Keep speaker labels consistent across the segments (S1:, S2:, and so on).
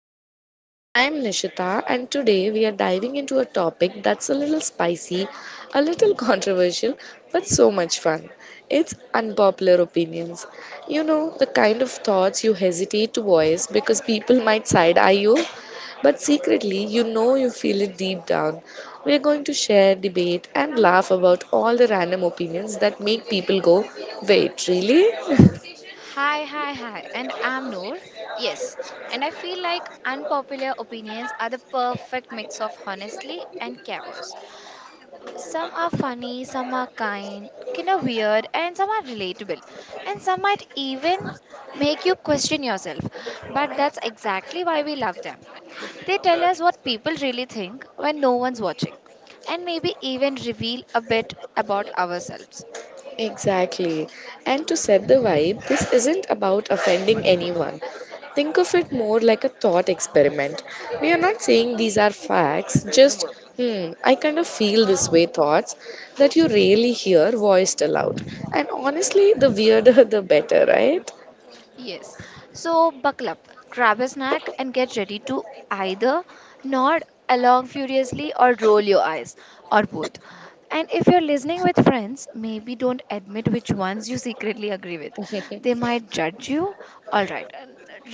S1: podcast. I'm Nishita, and today we are diving into a topic that's a little spicy, a little controversial, but so much fun. It's unpopular opinions. You know, the kind of thoughts you hesitate to voice because people might side eye you, but secretly you know you feel it deep down. We are going to share, debate, and laugh about all the random opinions that make people go, Wait, really?
S2: Hi, hi, hi, and I'm Noor. Yes, and I feel like unpopular opinions are the perfect mix of honesty and chaos. Some are funny, some are kind of weird, and some are relatable, and some might even make you question yourself. But that's exactly why we love them. They tell us what people really think when no one's watching, and maybe even reveal a bit about ourselves.
S1: Exactly. And to set the vibe, this isn't about offending anyone. Think of it more like a thought experiment. We are not saying these are facts, just, hmm, I kind of feel this way thoughts that you rarely hear voiced aloud. And honestly, the weirder the better, right?
S2: Yes. So buckle up, grab a snack, and get ready to either nod along furiously or roll your eyes, or both. And if you're listening with friends, maybe don't admit which ones you secretly agree with. They might judge you. All right.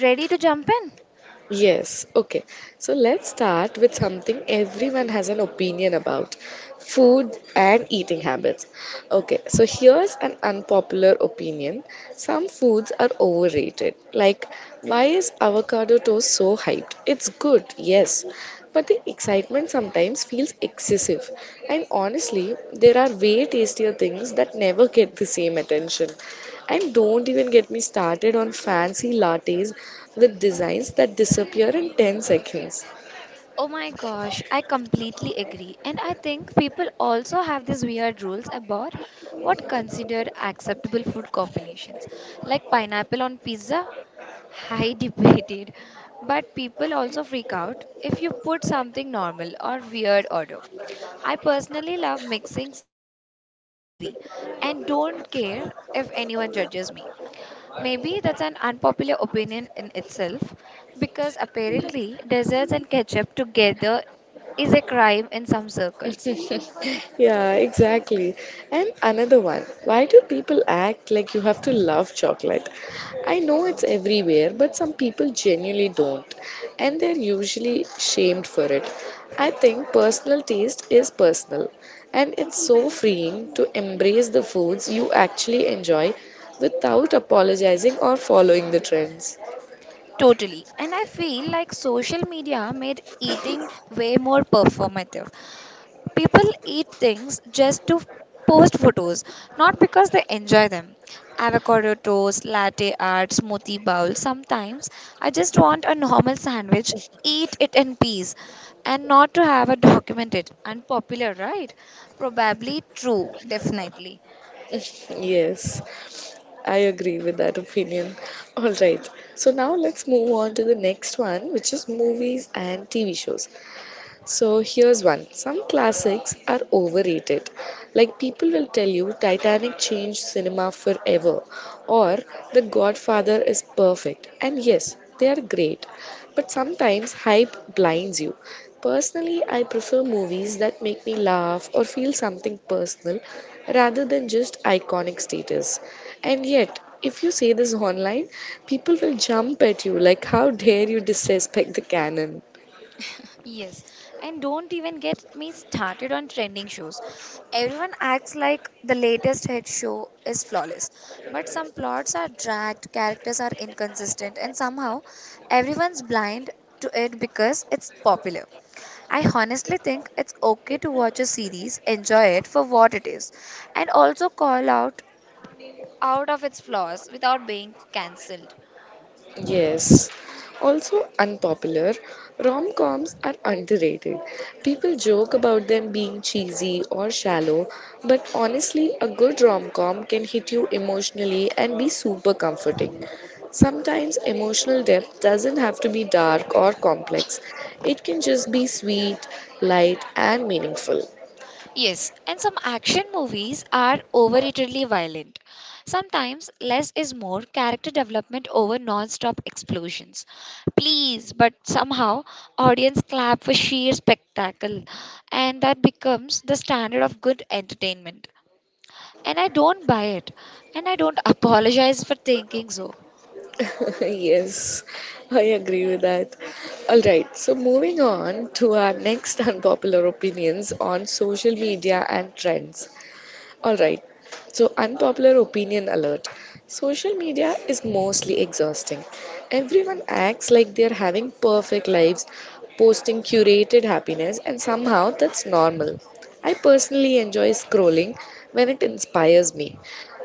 S2: Ready to jump in?
S1: Yes, okay. So let's start with something everyone has an opinion about food and eating habits. Okay, so here's an unpopular opinion some foods are overrated. Like, why is avocado toast so hyped? It's good, yes, but the excitement sometimes feels excessive. And honestly, there are way tastier things that never get the same attention. And don't even get me started on fancy lattes with designs that disappear in 10 seconds.
S2: Oh my gosh, I completely agree. And I think people also have these weird rules about what considered acceptable food combinations, like pineapple on pizza. High debated, but people also freak out if you put something normal or weird order. I personally love mixing sweet and savory and don't care if anyone judges me. Maybe that's an unpopular opinion in itself because apparently desserts and ketchup together is a crime in some circles.
S1: Yeah, exactly. And another one why do people act like you have to love chocolate? I know it's everywhere, but some people genuinely don't, and they're usually shamed for it. I think personal taste is personal, and it's so freeing to embrace the foods you actually enjoy without apologizing or following the trends.
S2: Totally. And I feel like social media made eating way more performative. People eat things just to post photos, not because they enjoy them. Avocado toast, latte art, smoothie bowl. Sometimes I just want a normal sandwich, eat it in peace, and not to have a documented unpopular. Right. Probably true. Definitely.
S1: Yes. I agree with that opinion. All right. So now let's move on to the next one, which is movies and TV shows. So here's one. Some classics are overrated. Like people will tell you Titanic changed cinema forever or The Godfather is perfect. And yes, they are great. But sometimes hype blinds you. Personally, I prefer movies that make me laugh or feel something personal rather than just iconic status. And yet, if you say this online, people will jump at you like, how dare you disrespect the canon?
S2: Yes, and don't even get me started on trending shows. Everyone acts like the latest hit show is flawless, but some plots are dragged, characters are inconsistent, and somehow everyone's blind to it because it's popular. I honestly think it's okay to watch a series, enjoy it for what it is, and also call out of its flaws without being cancelled.
S1: Yes. Also unpopular, rom-coms are underrated. People joke about them being cheesy or shallow, but honestly, a good rom-com can hit you emotionally and be super comforting. Sometimes emotional depth doesn't have to be dark or complex. It can just be sweet, light, and meaningful.
S2: Yes, and some action movies are overratedly violent. Sometimes less is more, character development over non stop explosions. Please, but somehow audience clap for sheer spectacle, and that becomes the standard of good entertainment. And I don't buy it, and I don't apologize for thinking so.
S1: yes, I agree with that. All right, so moving on to our next unpopular opinions on social media and trends. All right. So, unpopular opinion alert. Social media is mostly exhausting. Everyone acts like they're having perfect lives, posting curated happiness, and somehow that's normal. I personally enjoy scrolling when it inspires me,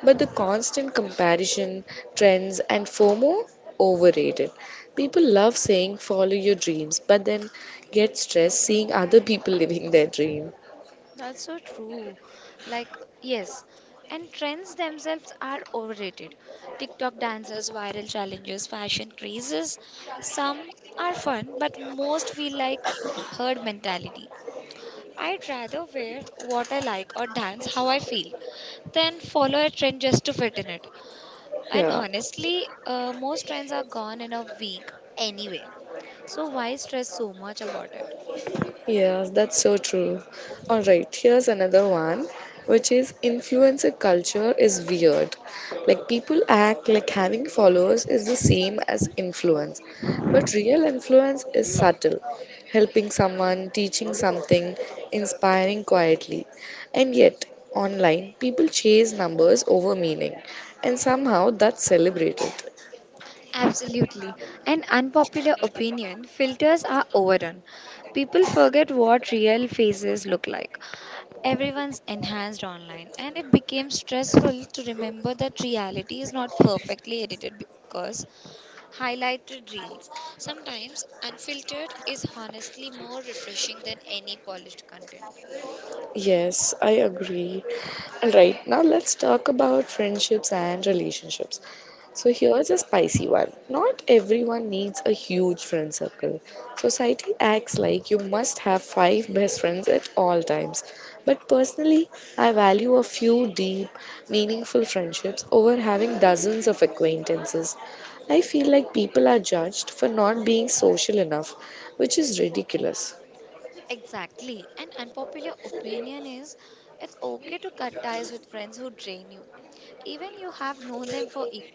S1: but the constant comparison, trends, and FOMO overrated. People love saying follow your dreams, but then get stressed seeing other people living their dream.
S2: That's so true. Like, yes. And trends themselves are overrated. TikTok dances, viral challenges, fashion crazes. Some are fun, but most feel like herd mentality. I'd rather wear what I like or dance how I feel than follow a trend just to fit in it. And
S1: Yeah.
S2: honestly, most trends are gone in a week anyway. So why stress so much about it?
S1: Yes, that's so true. All right, here's another one, which is influencer culture is weird. Like people act like having followers is the same as influence, but real influence is subtle, helping someone, teaching something, inspiring quietly. And yet, online, people chase numbers over meaning, and somehow that's celebrated.
S2: Absolutely. An unpopular opinion, filters are overdone. People forget what real faces look like. Everyone's enhanced online, and it became stressful to remember that reality is not perfectly edited because highlighted reels. Sometimes unfiltered is honestly more refreshing than any polished content.
S1: Yes, I agree. All right, now let's talk about friendships and relationships. So here's a spicy one. Not everyone needs a huge friend circle. Society acts like you must have five best friends at all times. But personally, I value a few deep, meaningful friendships over having dozens of acquaintances. I feel like people are judged for not being social enough, which is ridiculous.
S2: Exactly. An unpopular opinion is it's okay to cut ties with friends who drain you even you have known them for years.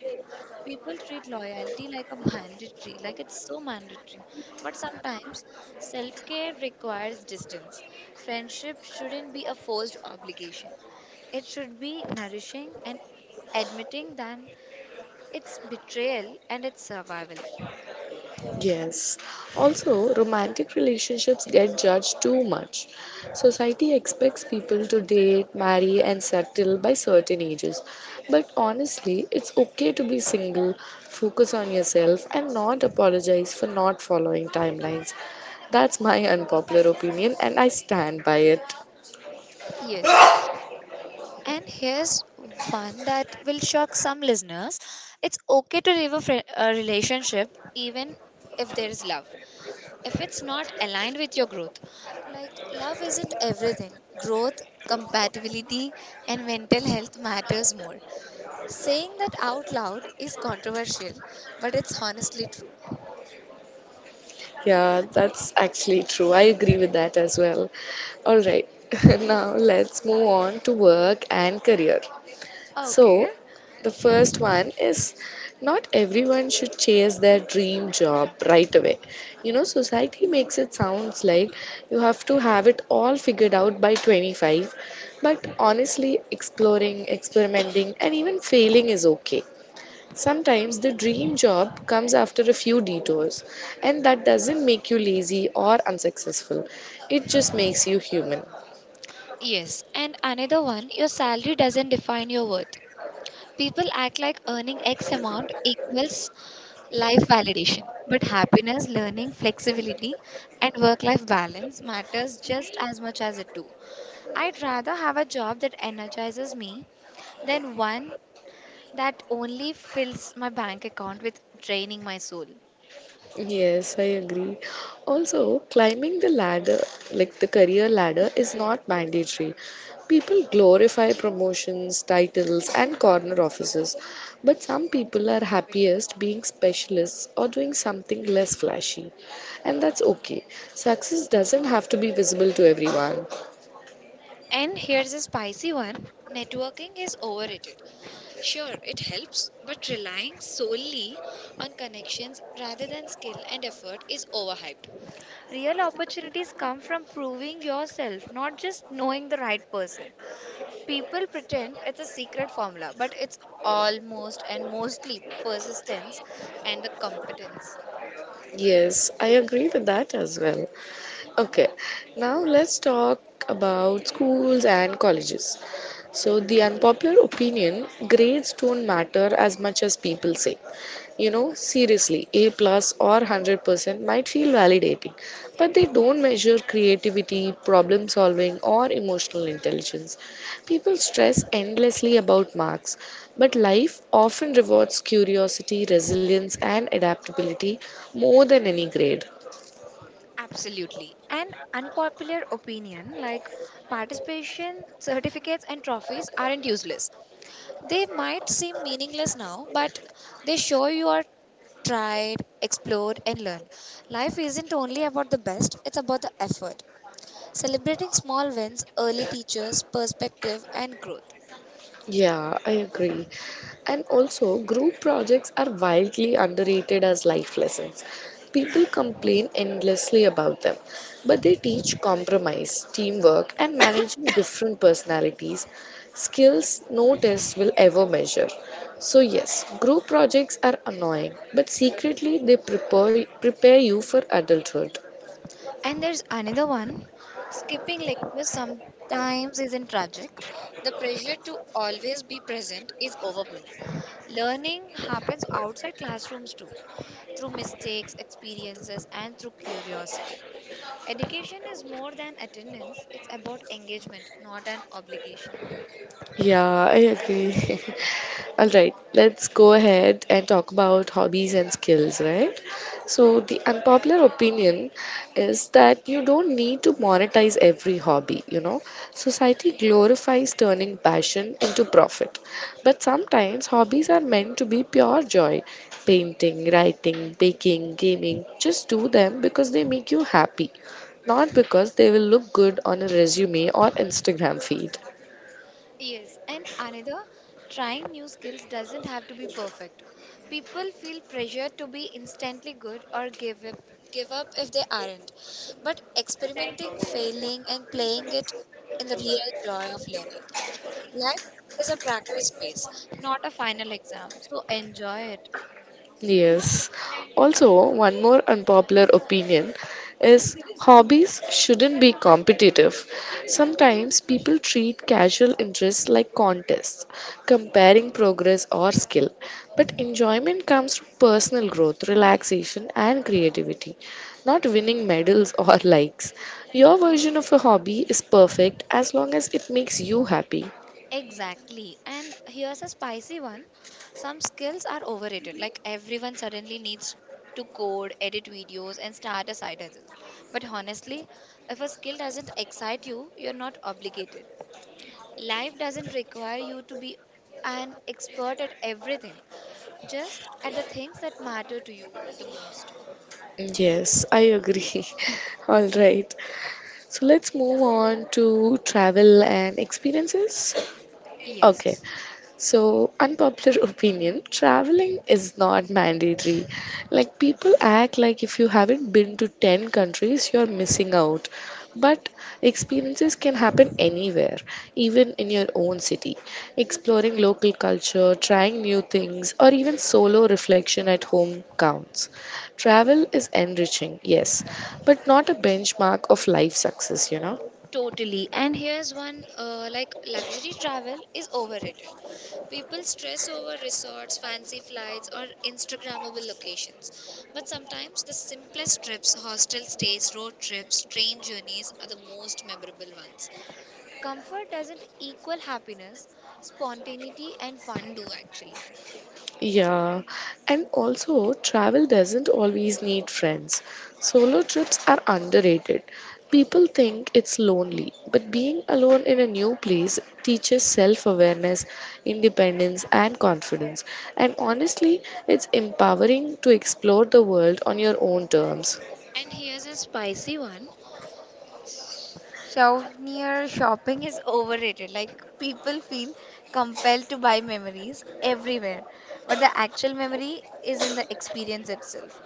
S2: People treat loyalty like a mandatory, like it's so mandatory. But sometimes self care requires distance. Friendship shouldn't be a forced obligation, it should be nourishing and admitting that it's betrayal and it's survival.
S1: Yes. Also, romantic relationships get judged too much. Society expects people to date, marry, and settle by certain ages. But honestly, it's okay to be single, focus on yourself, and not apologize for not following timelines. That's my unpopular opinion, and I stand by it.
S2: Yes. And here's one that will shock some listeners. It's okay to leave a relationship even if there is love. If it's not aligned with your growth. Like, love isn't everything, growth, compatibility, and mental health matters more. Saying that out loud is controversial, but it's honestly true.
S1: Yeah, that's actually true. I agree with that as well. All right, now let's move on to work and career.
S2: Okay.
S1: So, the first one is not everyone should chase their dream job right away. You know, society makes it sounds like you have to have it all figured out by 25, but honestly, exploring, experimenting, and even failing is okay. Sometimes the dream job comes after a few detours, and that doesn't make you lazy or unsuccessful. It just makes you human.
S2: Yes. And another one, your salary doesn't define your worth. People act like earning X amount equals life validation. But happiness, learning, flexibility, and work life balance matters just as much as it do. I'd rather have a job that energizes me than one that only fills my bank account with draining my soul.
S1: Yes, I agree. Also, climbing the ladder, like the career ladder, is not mandatory. People glorify promotions, titles, and corner offices, but some
S2: It's a
S1: people are
S2: topic.
S1: happiest being specialists or doing something less flashy. And that's okay. Success doesn't have to be visible to everyone.
S2: And here's a spicy one, networking is overrated. Sure, it helps, but relying solely on connections rather than skill and effort is overhyped. Real opportunities come from proving yourself, not just knowing the right person. People pretend it's a secret formula, but it's almost and mostly persistence and the competence.
S1: Yes, I agree with that as well. Okay, now let's talk about schools and colleges. So, the unpopular opinion grades don't matter as much as people say. You know, seriously, A plus or 100% might feel validating, but they don't measure creativity, problem solving, or emotional intelligence. People stress endlessly about marks, but life often rewards curiosity, resilience, and adaptability more than any grade.
S2: Absolutely. And unpopular opinion, like participation certificates and trophies aren't useless. They might seem meaningless now, but they show you are tried, explored, and learned. Life isn't only about the best, it's about the effort. Celebrating small wins, early teachers, perspective, and growth.
S1: Yeah, I agree. And also, group projects are wildly underrated as life lessons. People complain endlessly about them, but they teach compromise, teamwork, and managing different personalities, skills no test will ever measure. So, yes, group projects are annoying, but secretly they prepare you for adulthood.
S2: And there's another one. Skipping lectures sometimes isn't tragic. The pressure to always be present is overblown. Learning happens outside classrooms too, through mistakes, experiences, and through curiosity. Education is more than attendance, it's about engagement, not an obligation.
S1: Yeah, I agree. All right, let's go ahead and talk about hobbies and skills, right? So, the unpopular opinion is that you don't need to monetize every hobby, you know. Society glorifies turning passion into profit, but sometimes hobbies are meant to be pure joy. Painting, writing, baking, gaming, just do them because they make you happy, not because they will look good on a resume or Instagram feed.
S2: Yes, and another, trying new skills doesn't have to be perfect. People feel pressure to be instantly good or give up if they aren't. But experimenting, failing, and playing it in the real joy of learning. Life is a practice space, not a final exam. So enjoy it.
S1: Yes. Also, one more unpopular opinion is hobbies shouldn't be competitive. Sometimes people treat casual interests like contests, comparing progress or skill. But enjoyment comes from personal growth, relaxation, and creativity, not winning medals or likes. Your version of a hobby is perfect as long as it makes you happy.
S2: Exactly. And here's a spicy one. Some skills are overrated. Like everyone suddenly needs to code, edit videos, and start a side hustle. But honestly, if a skill doesn't excite you, you're not obligated. Life doesn't require you to be an expert at everything, just at the things that matter to you the most.
S1: Yes, I agree. All right. So let's move on to travel and experiences. Okay,
S2: Yes.
S1: so unpopular opinion traveling is not mandatory. Like people act like if you haven't been to 10 countries, you're missing out. But experiences can happen anywhere, even in your own city. Exploring local culture, trying new things, or even solo reflection at home counts. Travel is enriching, yes, but not a benchmark of life success, you know.
S2: Totally. And here's one, like luxury travel is overrated. People stress over resorts, fancy flights, or Instagrammable locations. But sometimes the simplest trips, hostel stays, road trips, train journeys are the most memorable ones. Comfort doesn't equal happiness, spontaneity, and fun do actually.
S1: Yeah, and also travel doesn't always need friends. Solo trips are underrated. People think it's lonely, but being alone in a new place teaches self awareness, independence, and confidence. And honestly, it's empowering to explore the world on your own terms.
S2: And here's a spicy one. Souvenir shopping is overrated. Like people feel compelled to buy memories everywhere, but the actual memory is in the experience itself.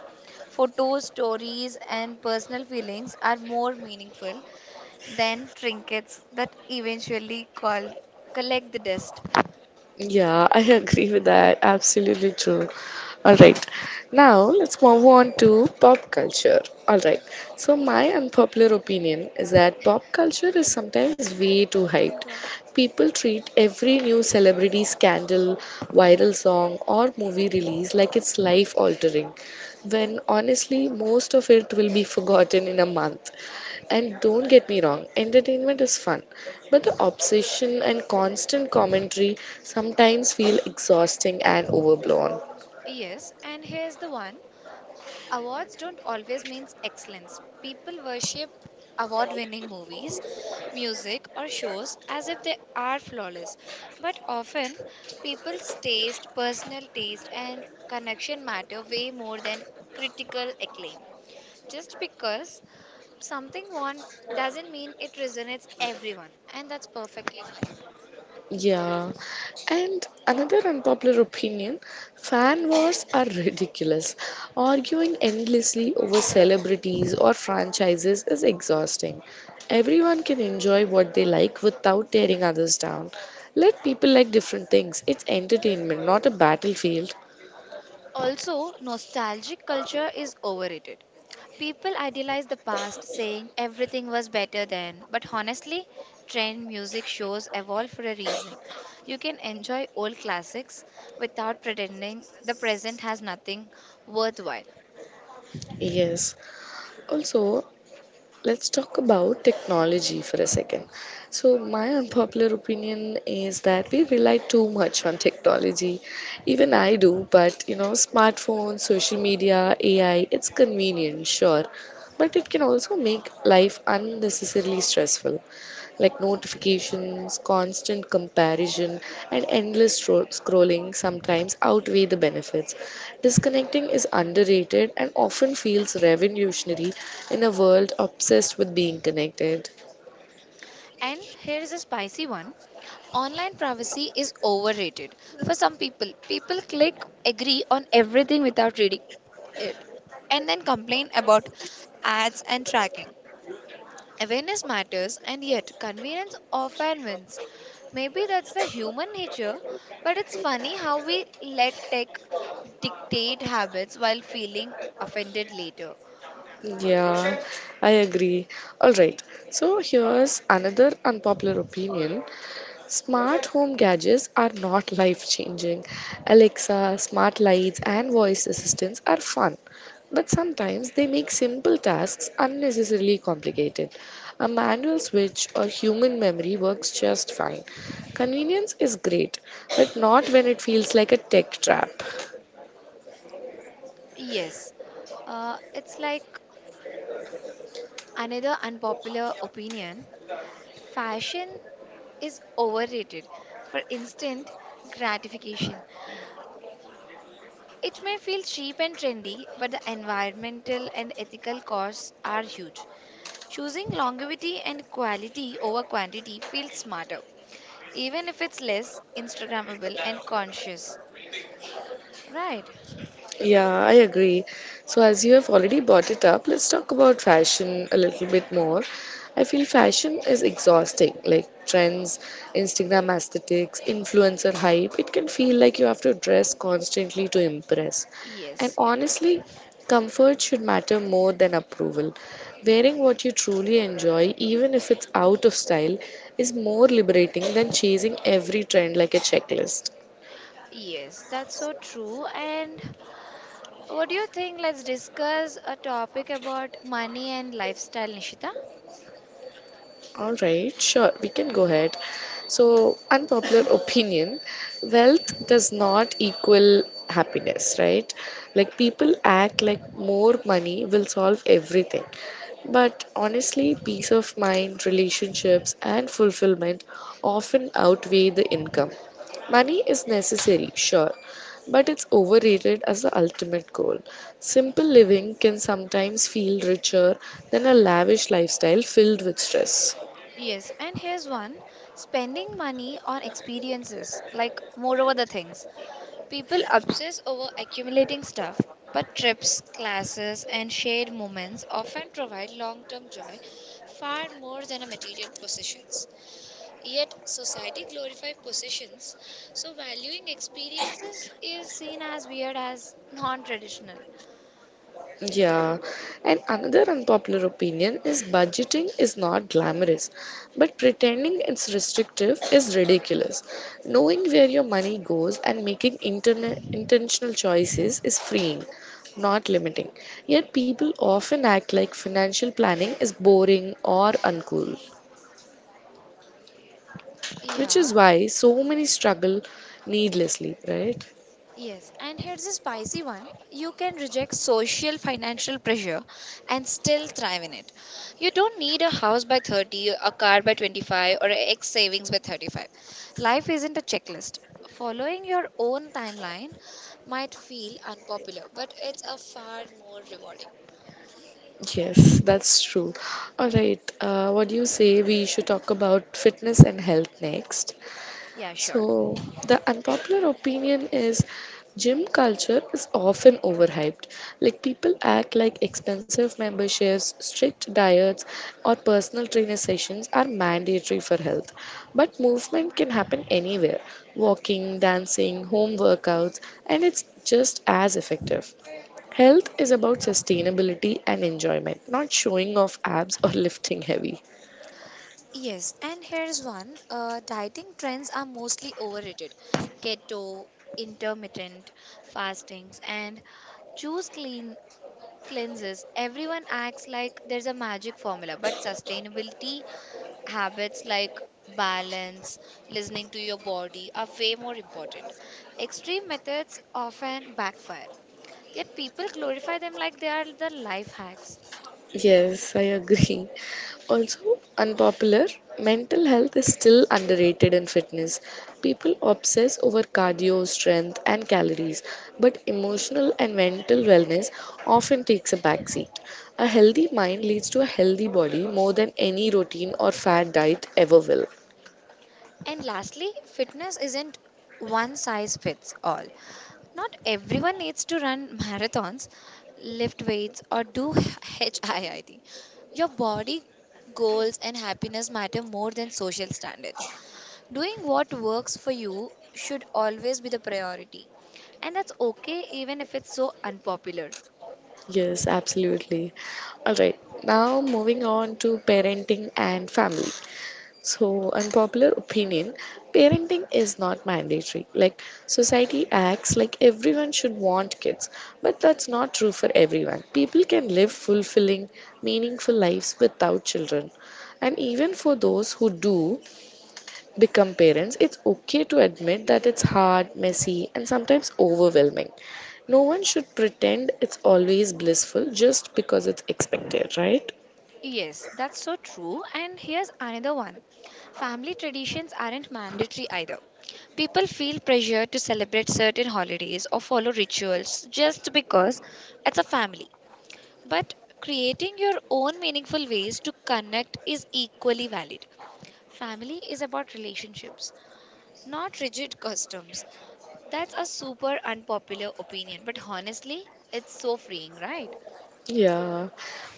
S2: Photos, stories, and personal feelings are more meaningful than trinkets that eventually call collect the dust.
S1: Yeah, I agree with that. Absolutely true. All right. Now let's move on to pop culture. All right. So my unpopular opinion is that pop culture is sometimes way too
S2: You
S1: hyped.
S2: don't.
S1: People treat every new celebrity scandal, viral song or movie release like it's life altering when honestly most of it will be forgotten in a month. And don't get me wrong, entertainment is fun, but the obsession and constant commentary sometimes feel exhausting and overblown.
S2: Yes, and here's the one. Awards don't always mean excellence. People worship award winning movies, music, or shows as if they are flawless. But often, people's taste, personal taste, and connection matter way more than critical acclaim. Just because something won doesn't mean it resonates everyone, and that's perfectly fine.
S1: Yeah, and another unpopular opinion fan wars are ridiculous. Arguing endlessly over celebrities or franchises is exhausting. Everyone can enjoy what they like without tearing others down. Let people like different things. It's entertainment, not a battlefield.
S2: Also, nostalgic culture is overrated. People idealize the past, saying everything was better then, but honestly, trend music shows evolve for a reason. You can enjoy old classics without pretending the present has nothing worthwhile.
S1: Yes. Also, let's talk about technology for a second. So, my unpopular opinion is that we rely too much on technology. Even I do, but you know, smartphones, social media, AI, it's convenient, sure, but it can also make life unnecessarily stressful. Like notifications, constant comparison, and endless scrolling sometimes outweigh the benefits. Disconnecting is underrated and often feels revolutionary in a world obsessed with being connected.
S2: And here's a spicy one, online privacy is overrated. For some people, people click agree on everything without reading it and then complain about ads and tracking. Awareness matters, and yet convenience often wins. Maybe that's the human nature, but it's funny how we let tech dictate habits while feeling offended later.
S1: Yeah, I agree. All right, so here's another unpopular opinion Smart home gadgets are not life changing. Alexa, smart lights, and voice assistants are fun, but sometimes they make simple tasks unnecessarily complicated. A manual switch or human memory works just fine. Convenience is great, but not when it feels like a tech trap.
S2: Yes, it's like another unpopular opinion, fashion is overrated for instant gratification. It may feel cheap and trendy, but the environmental and ethical costs are huge. Choosing longevity and quality over quantity feels smarter, even if it's less Instagrammable and conscious. Right?
S1: Yeah, I agree. So, as you have already brought it up, let's talk about fashion a little bit more. I feel fashion is exhausting, like trends, Instagram aesthetics, influencer hype. It can feel like you have to dress constantly to impress. And
S2: Yes, yes.
S1: honestly, comfort should matter more than approval. Wearing what you truly enjoy, even if it's out of style, is more liberating than chasing every trend like a checklist.
S2: Yes, that's so true. And what do you think? Let's discuss a topic about money and lifestyle, Nishita.
S1: All right, sure, we can go ahead. So, unpopular opinion wealth does not equal happiness, right? Like, people act like more money will solve everything. But honestly, peace of mind, relationships, and fulfillment often outweigh the income. Money is necessary, sure, but it's overrated as the ultimate goal. Simple living can sometimes feel richer than a lavish lifestyle filled with stress.
S2: Yes, and here's one, spending money on experiences, like more over the things. People obsess over accumulating stuff, but trips, classes, and shared moments often provide long term joy far more than a material possessions. Yet, society glorifies possessions, so valuing experiences is seen as weird as non traditional.
S1: Yeah, and another unpopular opinion is budgeting is not glamorous, but pretending it's restrictive is ridiculous. Knowing where your money goes and making intentional choices is freeing, not limiting. Yet people often act like financial planning is boring or uncool, which
S2: Yeah.
S1: is why so many struggle needlessly, right?
S2: Yes, and here's a spicy one. You can reject social financial pressure and still thrive in it. You don't need a house by 30, a car by 25, or a X savings by 35. Life isn't a checklist. Following your own timeline might feel unpopular, but it's a far more rewarding.
S1: Yes, that's true. All right, what do you say we should talk about fitness and health next?
S2: Yeah, sure.
S1: So, the unpopular opinion is gym culture is often overhyped. Like, people act like expensive memberships, strict diets, or personal trainer sessions are mandatory for health. But movement can happen anywhere, walking, dancing, home workouts, and it's just as effective. Health is about sustainability and enjoyment, not showing off abs or lifting heavy.
S2: Yes, and here's one. Dieting trends are mostly overrated. Keto, intermittent fastings, and choose clean cleanses, everyone acts like there's a magic formula, but sustainability habits like balance, listening to your body are way more important. Extreme methods often backfire, yet people glorify them like they are the life hacks.
S1: Yes, I agree. Also, unpopular, mental health is still underrated in fitness. People obsess over cardio, strength, and calories, but emotional and mental wellness often takes a backseat. A healthy mind leads to a healthy body more than any routine or fad diet ever will.
S2: And lastly, fitness isn't one size fits all. Not everyone needs to run marathons, lift weights, or do HIIT. Your body goals and happiness matter more than social standards. Doing what works for you should always be the priority. And that's okay even if it's so unpopular.
S1: Yes, absolutely. All right, now moving on to parenting and family. So, unpopular opinion, parenting is not mandatory. Like, society acts like everyone should want kids, but that's not true for everyone. People can live fulfilling, meaningful lives without children. And even for those who do become parents, it's okay to admit that it's hard, messy, and sometimes overwhelming. No one should pretend it's always blissful just because it's expected, right?
S2: Yes, that's so true. And here's another one, family traditions aren't mandatory either. People feel pressure to celebrate certain holidays or follow rituals just because it's a family. But creating your own meaningful ways to connect is equally valid. Family is about relationships, not rigid customs. That's a super unpopular opinion, but honestly, it's so freeing, right?
S1: Yeah.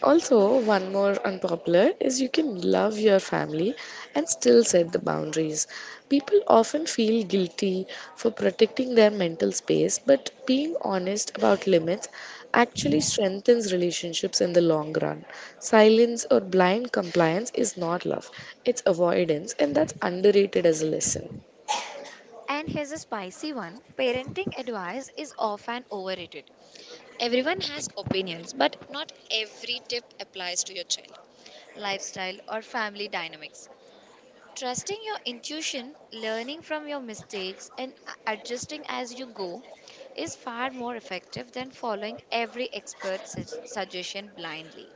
S1: Also, one more unpopular is you can love your family and still set the boundaries. People often feel guilty for protecting their mental space, but being honest about limits actually strengthens relationships in the long run. Silence or blind compliance is not love, it's avoidance, and that's underrated as a lesson.
S2: And here's a spicy one, parenting advice is often overrated. Everyone has opinions, but not every tip applies to your child, lifestyle, or family dynamics. Trusting your intuition, learning from your mistakes, and adjusting as you go is far more effective than following every expert suggestion blindly.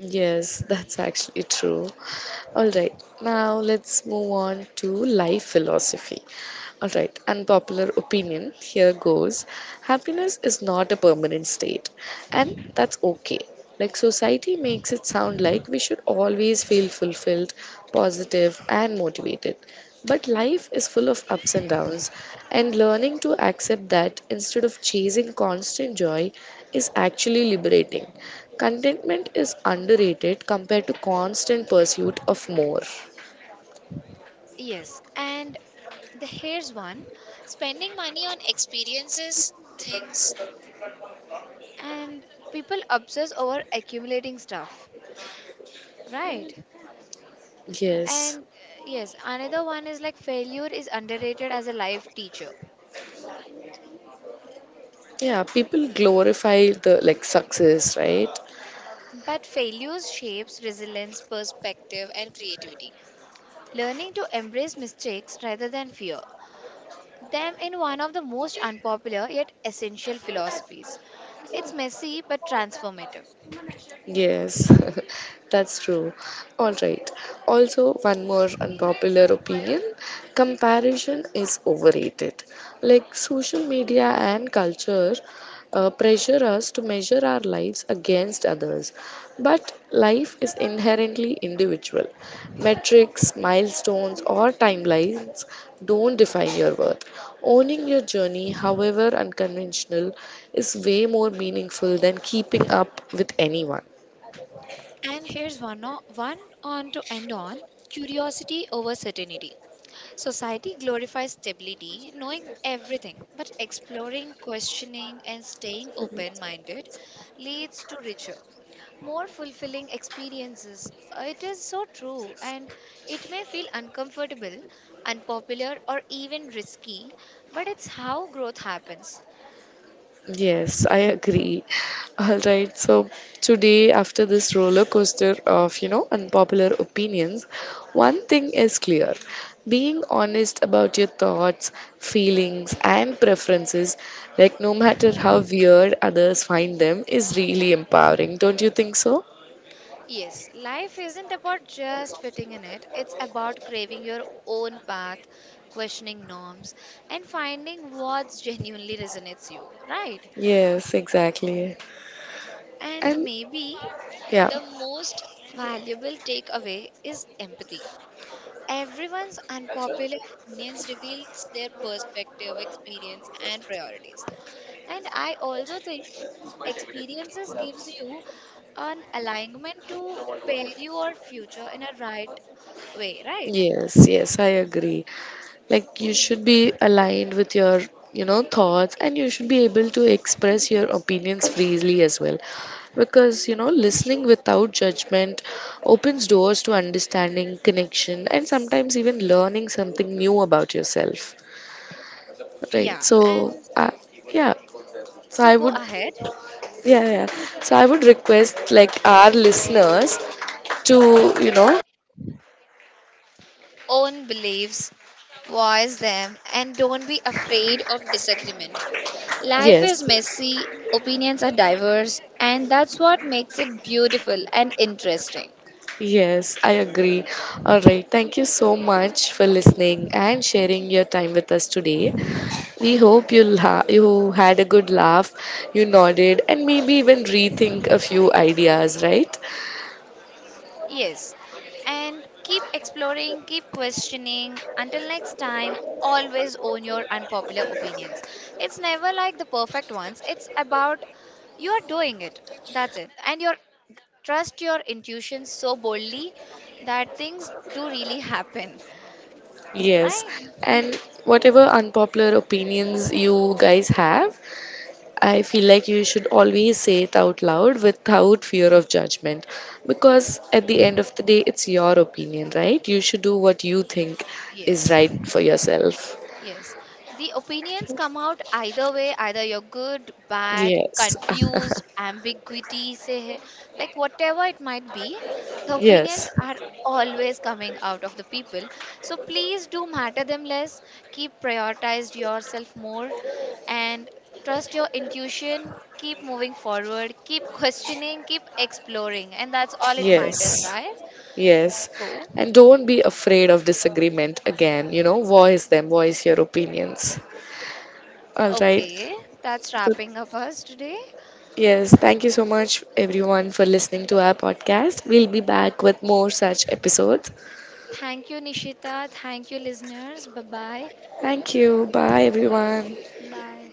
S1: Yes, that's actually true. All right, now let's move on to life philosophy. All right, unpopular opinion here goes, happiness is not a permanent state, and that's okay. Like, society makes it sound like we should always feel fulfilled, positive, and motivated. But life is full of ups and downs, and learning to accept that instead of chasing constant joy is actually liberating. Contentment is underrated compared to constant pursuit of more.
S2: Yes, and the here's one, spending money on experiences, things, and people obsess over accumulating stuff, right?
S1: Yes.
S2: And yes, another one is like failure is underrated as a life teacher,
S1: Yeah, people glorify the like success, right?
S2: but failures shapes resilience, perspective, and creativity. Learning to embrace mistakes rather than fear them in one of the most unpopular yet essential philosophies. It's messy but transformative.
S1: Yes, that's true. All right. Also, one more unpopular opinion, comparison is overrated. Like, social media and culture pressure us to measure our lives against others. But life is inherently individual. Metrics, milestones, or timelines don't define your worth. Owning your journey, however unconventional, is way more meaningful than keeping up with anyone.
S2: And here's one on to end on, curiosity over certainty. Society glorifies stability, knowing everything, but exploring, questioning, and staying open minded leads to richer, more fulfilling experiences. It is so true, and it may feel uncomfortable, unpopular, or even risky, but it's how growth happens.
S1: Yes, I agree. All right, so today, after this roller coaster of, you know, unpopular opinions, one thing is clear. Being honest about your thoughts, feelings, and preferences, like no matter how weird others find them, is really empowering. Don't you think so?
S2: Yes, life isn't about just fitting in it, it's about craving your own path, questioning norms, and finding what genuinely resonates you, right?
S1: Yes, exactly.
S2: And
S1: And
S2: maybe
S1: yeah,
S2: the most valuable takeaway is empathy. Everyone's unpopular opinions reveals their perspective, experience and priorities. And I also think experiences gives you an alignment to pair your future in a right way, right?
S1: yes, yes, I agree. Like, you
S2: Hmm.
S1: should be aligned with your, you know, thoughts, and you should be able to express your opinions freely as well, because, you know, listening without judgment opens doors to understanding, connection, and sometimes even learning something new about yourself, right?
S2: Yeah,
S1: So
S2: and
S1: yeah, so
S2: so
S1: i
S2: go
S1: would
S2: ahead.
S1: yeah, yeah, so I would request like our listeners to, you know.
S2: Own beliefs, voice them, and don't be afraid of disagreement. Life is
S1: Yes.
S2: messy, opinions are diverse, and that's what makes it beautiful and interesting.
S1: Yes, I agree. All right. Thank you so much for listening and sharing your time with us today. We hope you you had a good laugh, you nodded, and maybe even rethink a few ideas, right?
S2: Yes, and keep exploring, keep questioning. Until next time, always own your unpopular opinions. It's never like the perfect ones, it's about you're doing it. That's it. And you trust your intuition so boldly that things do really happen,
S1: Yes.
S2: right?
S1: And whatever unpopular opinions you guys have, I feel like you should always say it out loud without fear of judgment. Because at the end of the day, it's your opinion, right? You should do what you think is
S2: Yes.
S1: right for yourself.
S2: Yes, the opinions come out either way, either you're good, bad,
S1: Yes.
S2: confused, ambiguity, say like whatever it might be, the opinions
S1: Yes.
S2: are always coming out of the people. So please do matter them less, keep prioritized yourself more, and trust your intuition, keep moving forward, keep questioning, keep exploring, and that's all it matters,
S1: Yes.
S2: guys.
S1: Yes.
S2: So,
S1: And don't be afraid of disagreement again. You know, voice them, voice your opinions. All right.
S2: okay, that's
S1: So,
S2: wrapping up us today.
S1: yes. Thank you so much, everyone, for listening to our podcast. We'll be back with more such episodes.
S2: Thank you, Nishita. Thank you, listeners. Bye bye.
S1: Thank you. Bye, everyone.
S2: Bye.